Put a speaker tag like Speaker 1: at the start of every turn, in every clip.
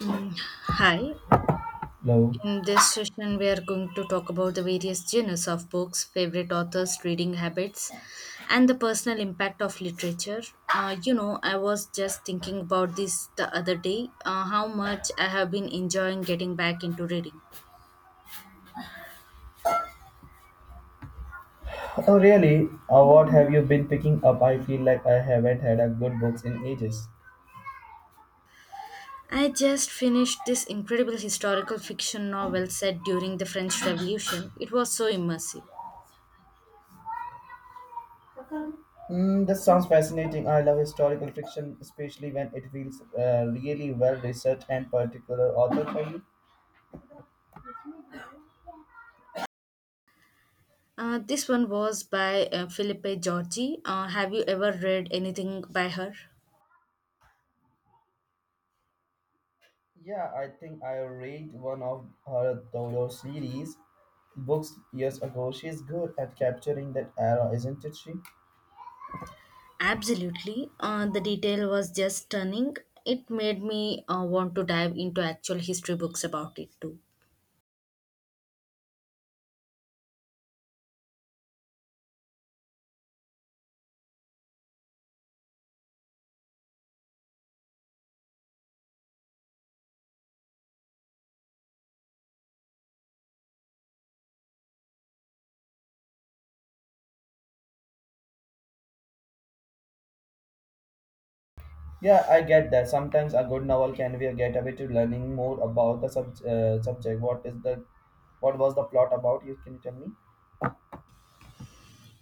Speaker 1: Mm, hi.
Speaker 2: Hello.
Speaker 1: In this session, we are going to talk about the various genres of books, favorite authors, reading habits, and the personal impact of literature. I was just thinking about this the other day, how much I have been enjoying getting back into reading.
Speaker 2: Oh, really? What have you been picking up? I feel like I haven't had a good books in ages.
Speaker 1: I just finished this incredible historical fiction novel set during the French Revolution. It was so immersive.
Speaker 2: Mm, this sounds fascinating. I love historical fiction, especially when it feels really well researched and particular author for you.
Speaker 1: This one was by Philippe Giorgi. Have you ever read anything by her?
Speaker 2: Yeah, I think I read one of her Dodo series books years ago. She's good at capturing that era, isn't it? She.
Speaker 1: Absolutely. The detail was just stunning. It made me want to dive into actual history books about it too.
Speaker 2: Yeah, I get that. Sometimes a good novel can be a gateway to learning more about the subject. What was the plot about? You can tell me.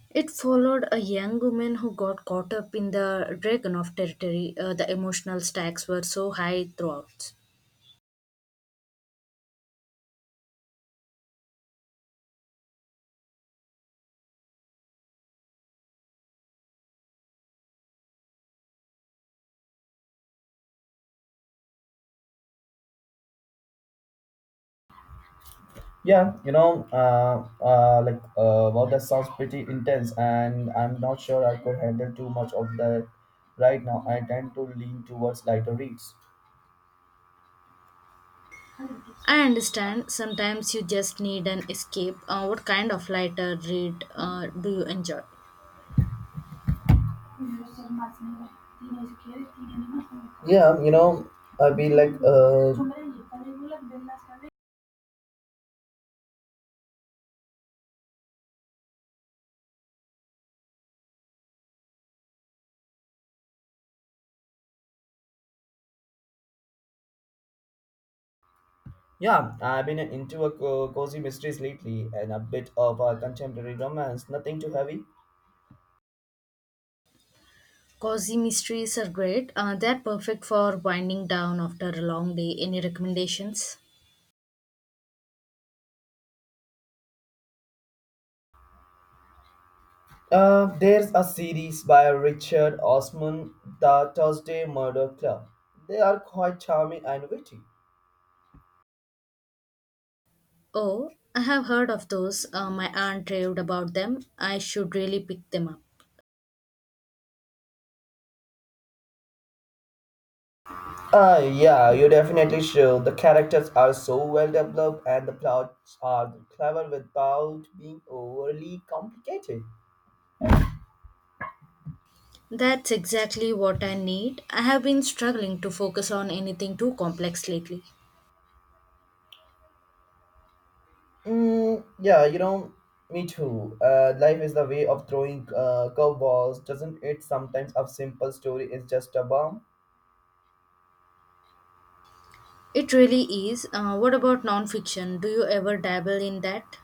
Speaker 1: It followed a young woman who got caught up in the Dragunov territory. The emotional stakes were so high throughout.
Speaker 2: That sounds pretty intense, and I'm not sure I could handle too much of that right now. I tend to lean towards lighter reads.
Speaker 1: I understand sometimes you just need an escape. What kind of lighter read do you enjoy?
Speaker 2: Yeah, you know, I've been like, uh, yeah, I've been into a cozy mysteries lately and a bit of a contemporary romance. Nothing too heavy.
Speaker 1: Cozy mysteries are great. They're perfect for winding down after a long day. Any recommendations?
Speaker 2: There's a series by Richard Osman, The Thursday Murder Club. They are quite charming and witty.
Speaker 1: Oh, I have heard of those. My aunt raved about them. I should really pick them up.
Speaker 2: Yeah, you definitely should. The characters are so well developed and the plots are clever without being overly complicated.
Speaker 1: That's exactly what I need. I have been struggling to focus on anything too complex lately.
Speaker 2: Mm, yeah, you know, me too. Life is the way of throwing curveballs, doesn't it? Sometimes a simple story is just a bomb.
Speaker 1: It really is. What about nonfiction? Do you ever dabble in that?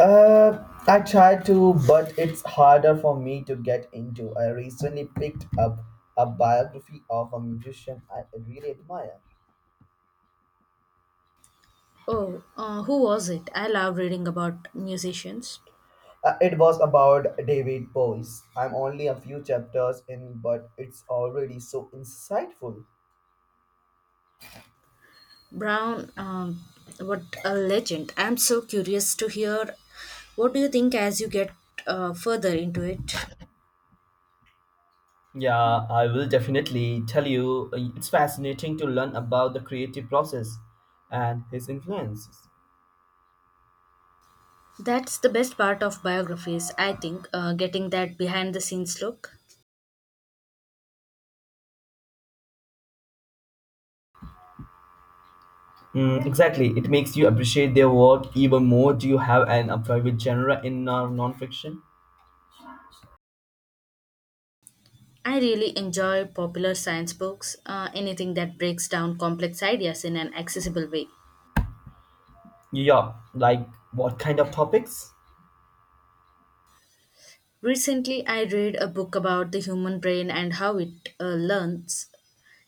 Speaker 2: I try to, but it's harder for me to get into. I recently picked up a biography of a musician I really admire.
Speaker 1: Oh, who was it? I love reading about musicians.
Speaker 2: It was about David Bowie. I'm only a few chapters in, but it's already so insightful.
Speaker 1: Brown, what a legend. I'm so curious to hear what do you think as you get further into it.
Speaker 2: Yeah, I will definitely tell you. It's fascinating to learn about the creative process and his influences.
Speaker 1: That's the best part of biographies, I think, getting that behind the scenes look.
Speaker 2: Mm, exactly, it makes you appreciate their work even more. Do you have an a favorite genre in non-fiction?
Speaker 1: I really enjoy popular science books, anything that breaks down complex ideas in an accessible way.
Speaker 2: Yeah, like what kind of topics?
Speaker 1: Recently, I read a book about the human brain and how it learns.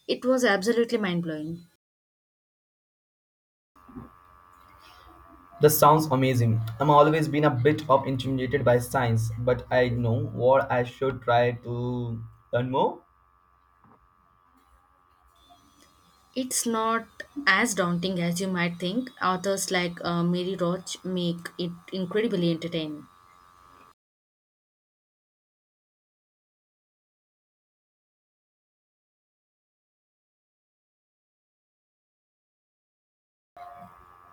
Speaker 1: It was absolutely mind blowing.
Speaker 2: That sounds amazing. I'm always been a bit of intimidated by science, but I know what I should try to learn more.
Speaker 1: It's not as daunting as you might think. Authors like Mary Roach make it incredibly entertaining.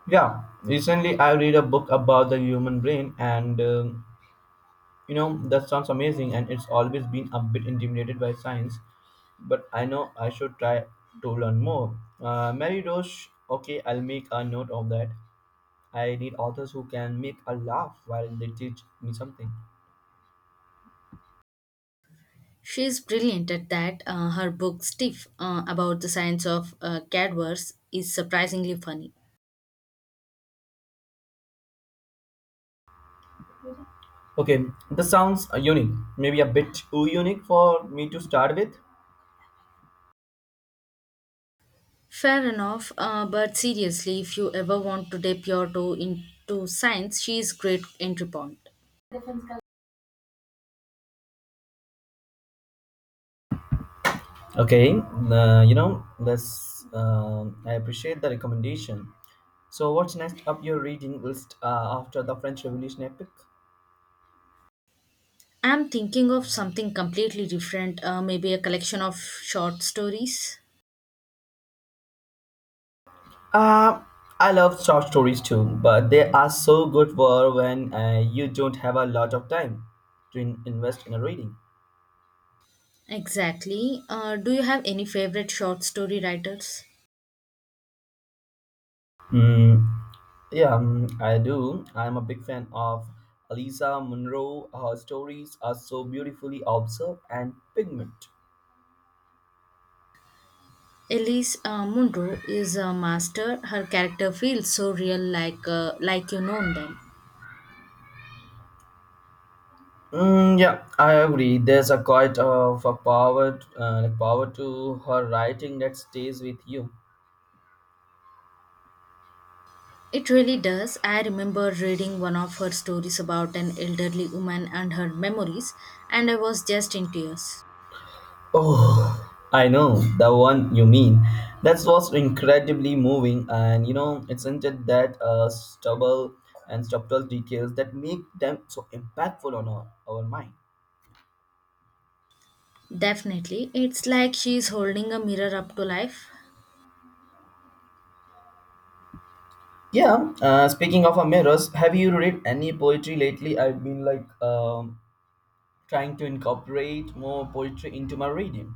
Speaker 2: Yeah, recently I read a book about the human brain, and you know that sounds amazing. And it's always been a bit intimidated by science, but I know I should try to learn more. Mary Roche, okay, I'll make a note of that. I need authors who can make a laugh while they teach me something.
Speaker 1: She is brilliant at that. Her book, Stiff, about the science of cadavers, is surprisingly funny.
Speaker 2: Okay, this sounds unique, maybe a bit too unique for me to start with.
Speaker 1: Fair enough, but seriously, if you ever want to dip your toe into science, she is great entry point.
Speaker 2: Okay, you know, this I appreciate the recommendation. So, what's next up your reading list after the French Revolution epic?
Speaker 1: I'm thinking of something completely different, maybe a collection of short stories.
Speaker 2: Uh, I love short stories too, but they are so good for when you don't have a lot of time to invest in a reading.
Speaker 1: Exactly. Do you have any favorite short story writers?
Speaker 2: Mm. Yeah, I do. I'm a big fan of Elisa Munro. Her stories are so beautifully observed and pigment.
Speaker 1: Elise Munro is a master. Her character feels so real, like you know them.
Speaker 2: Mm, yeah, I agree. There's a quite of a power, power to her writing that stays with you.
Speaker 1: It really does. I remember reading one of her stories about an elderly woman and her memories, and I was just in tears.
Speaker 2: Oh, I know the one you mean. That was incredibly moving, and you know, it's into that stubble and subtle details that make them so impactful on our mind.
Speaker 1: Definitely. It's like she's holding a mirror up to life.
Speaker 2: Yeah, speaking of mirrors, have you read any poetry lately? I've been like trying to incorporate more poetry into my reading.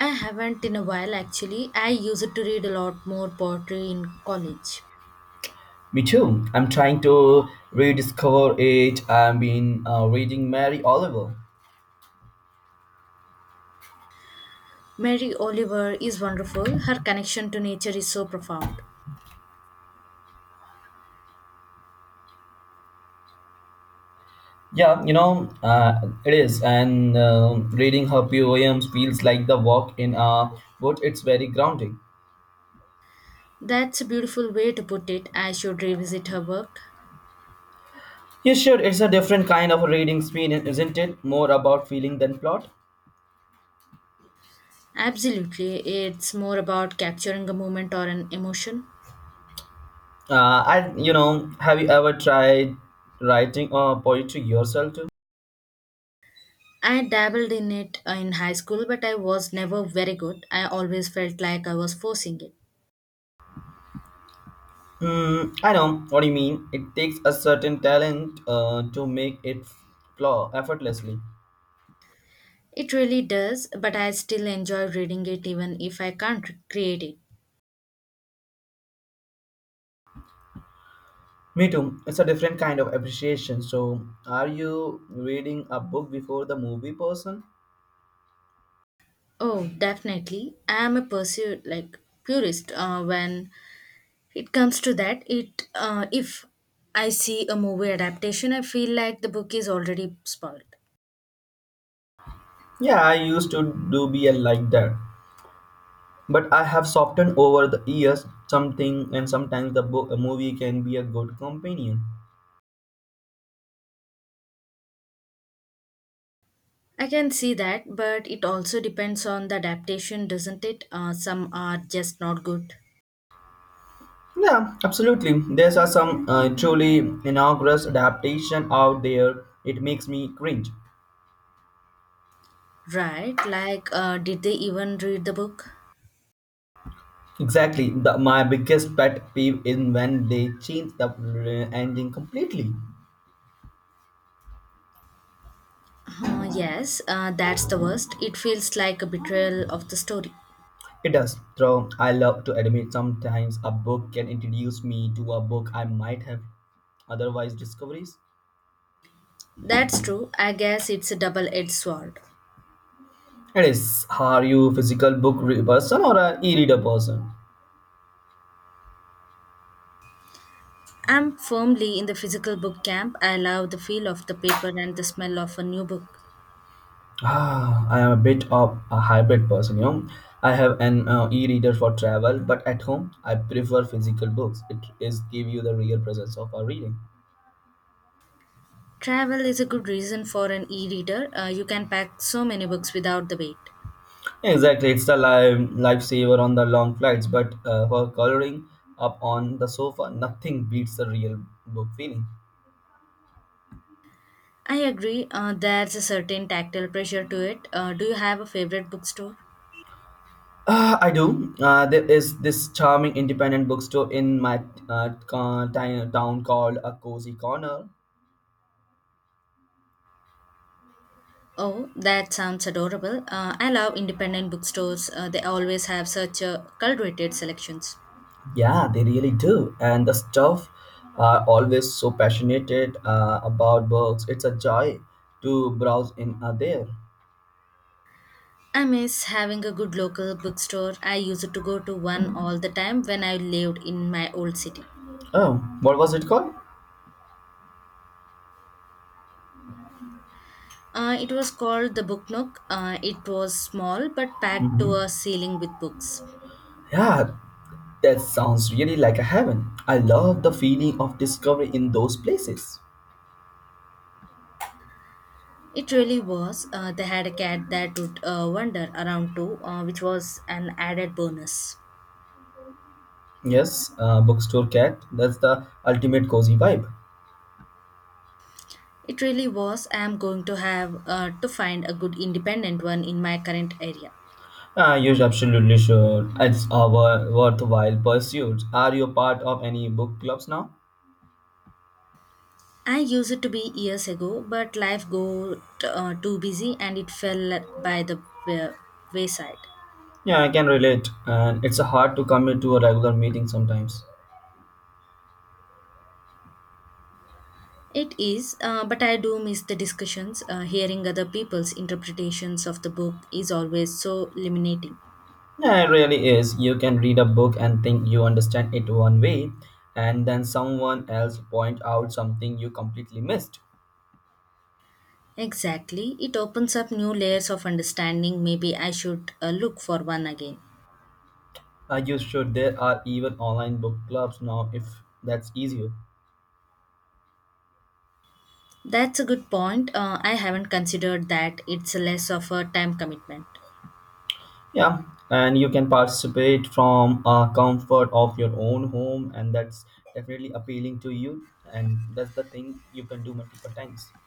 Speaker 1: I haven't in a while actually. I used to read a lot more poetry in college.
Speaker 2: Me too. I'm trying to rediscover it. I've been reading Mary Oliver.
Speaker 1: Mary Oliver is wonderful. Her connection to nature is so profound.
Speaker 2: Yeah, you know, it is. And reading her poems feels like the walk in a wood. It's very grounding.
Speaker 1: That's a beautiful way to put it. I should revisit her work.
Speaker 2: You should. It's a different kind of a reading experience, isn't it? More about feeling than plot.
Speaker 1: Absolutely. It's more about capturing a moment or an emotion.
Speaker 2: Have you ever tried writing poetry yourself too?
Speaker 1: I dabbled in it in high school, but I was never very good. I always felt like I was forcing it.
Speaker 2: Hmm, I know what you mean. It takes a certain talent to make it flow effortlessly.
Speaker 1: It really does, but I still enjoy reading it even if I can't create it.
Speaker 2: Me too. It's a different kind of appreciation. So, are you reading a book before the movie person?
Speaker 1: Oh, definitely. I am a pursuit like purist when it comes to that. It If I see a movie adaptation, I feel like the book is already spoiled.
Speaker 2: Yeah, I used to do be a like that, but I have softened over the years. Something and sometimes the book, a movie can be a good companion.
Speaker 1: I can see that, but it also depends on the adaptation, doesn't it? Some are just not good.
Speaker 2: Yeah, absolutely. There's are some truly inaugurous adaptation out there. It makes me cringe.
Speaker 1: Right, like, did they even read the book?
Speaker 2: Exactly. My biggest pet peeve is when they change the ending completely.
Speaker 1: Yes, that's the worst. It feels like a betrayal of the story.
Speaker 2: It does. Though I love to admit sometimes a book can introduce me to a book I might have otherwise discoveries.
Speaker 1: That's true. I guess it's a double edged sword.
Speaker 2: It is. Are you a physical book person or an e-reader person?
Speaker 1: I'm firmly in the physical book camp. I love the feel of the paper and the smell of a new book.
Speaker 2: Ah, I am a bit of a hybrid person, you know. I have an e-reader for travel, but at home I prefer physical books. It is give you the real presence of a reading.
Speaker 1: Travel is a good reason for an e reader. You can pack so many books without the weight.
Speaker 2: Exactly, it's a lifesaver on the long flights, but for coloring up on the sofa, nothing beats the real book feeling.
Speaker 1: I agree, there's a certain tactile pressure to it. Do you have a favorite bookstore?
Speaker 2: I do. There is this charming independent bookstore in my town called A Cozy Corner.
Speaker 1: Oh, that sounds adorable. I love independent bookstores. They always have such curated selections.
Speaker 2: Yeah, they really do. And the staff are always so passionate about books. It's a joy to browse in there.
Speaker 1: I miss having a good local bookstore. I used to go to one all the time when I lived in my old city.
Speaker 2: Oh, what was it called?
Speaker 1: It was called the Book Nook. It was small but packed
Speaker 2: Hmm.
Speaker 1: to a ceiling with books.
Speaker 2: Yeah, that sounds really like a heaven. I love the feeling of discovery in those places.
Speaker 1: It really was. They had a cat that would wander around too, which was an added bonus.
Speaker 2: Yes, bookstore cat. That's the ultimate cozy vibe.
Speaker 1: It really was. I am going to have to find a good independent one in my current area.
Speaker 2: Ah, you absolutely sure. It's a worthwhile pursuit. Are you part of any book clubs now?
Speaker 1: I used it to be years ago, but life got too busy and it fell by the wa- wayside.
Speaker 2: Yeah, I can relate. And it's hard to commit to a regular meeting sometimes.
Speaker 1: It is, but I do miss the discussions. Hearing other people's interpretations of the book is always so illuminating.
Speaker 2: Yeah, it really is. You can read a book and think you understand it one way, and then someone else point out something you completely missed.
Speaker 1: Exactly. It opens up new layers of understanding. Maybe I should look for one again.
Speaker 2: Are you sure there are even online book clubs now if that's easier?
Speaker 1: That's a good point. I haven't considered that it's less of a time commitment.
Speaker 2: Yeah, and you can participate from a comfort of your own home, and that's definitely appealing to you. And that's the thing you can do multiple times.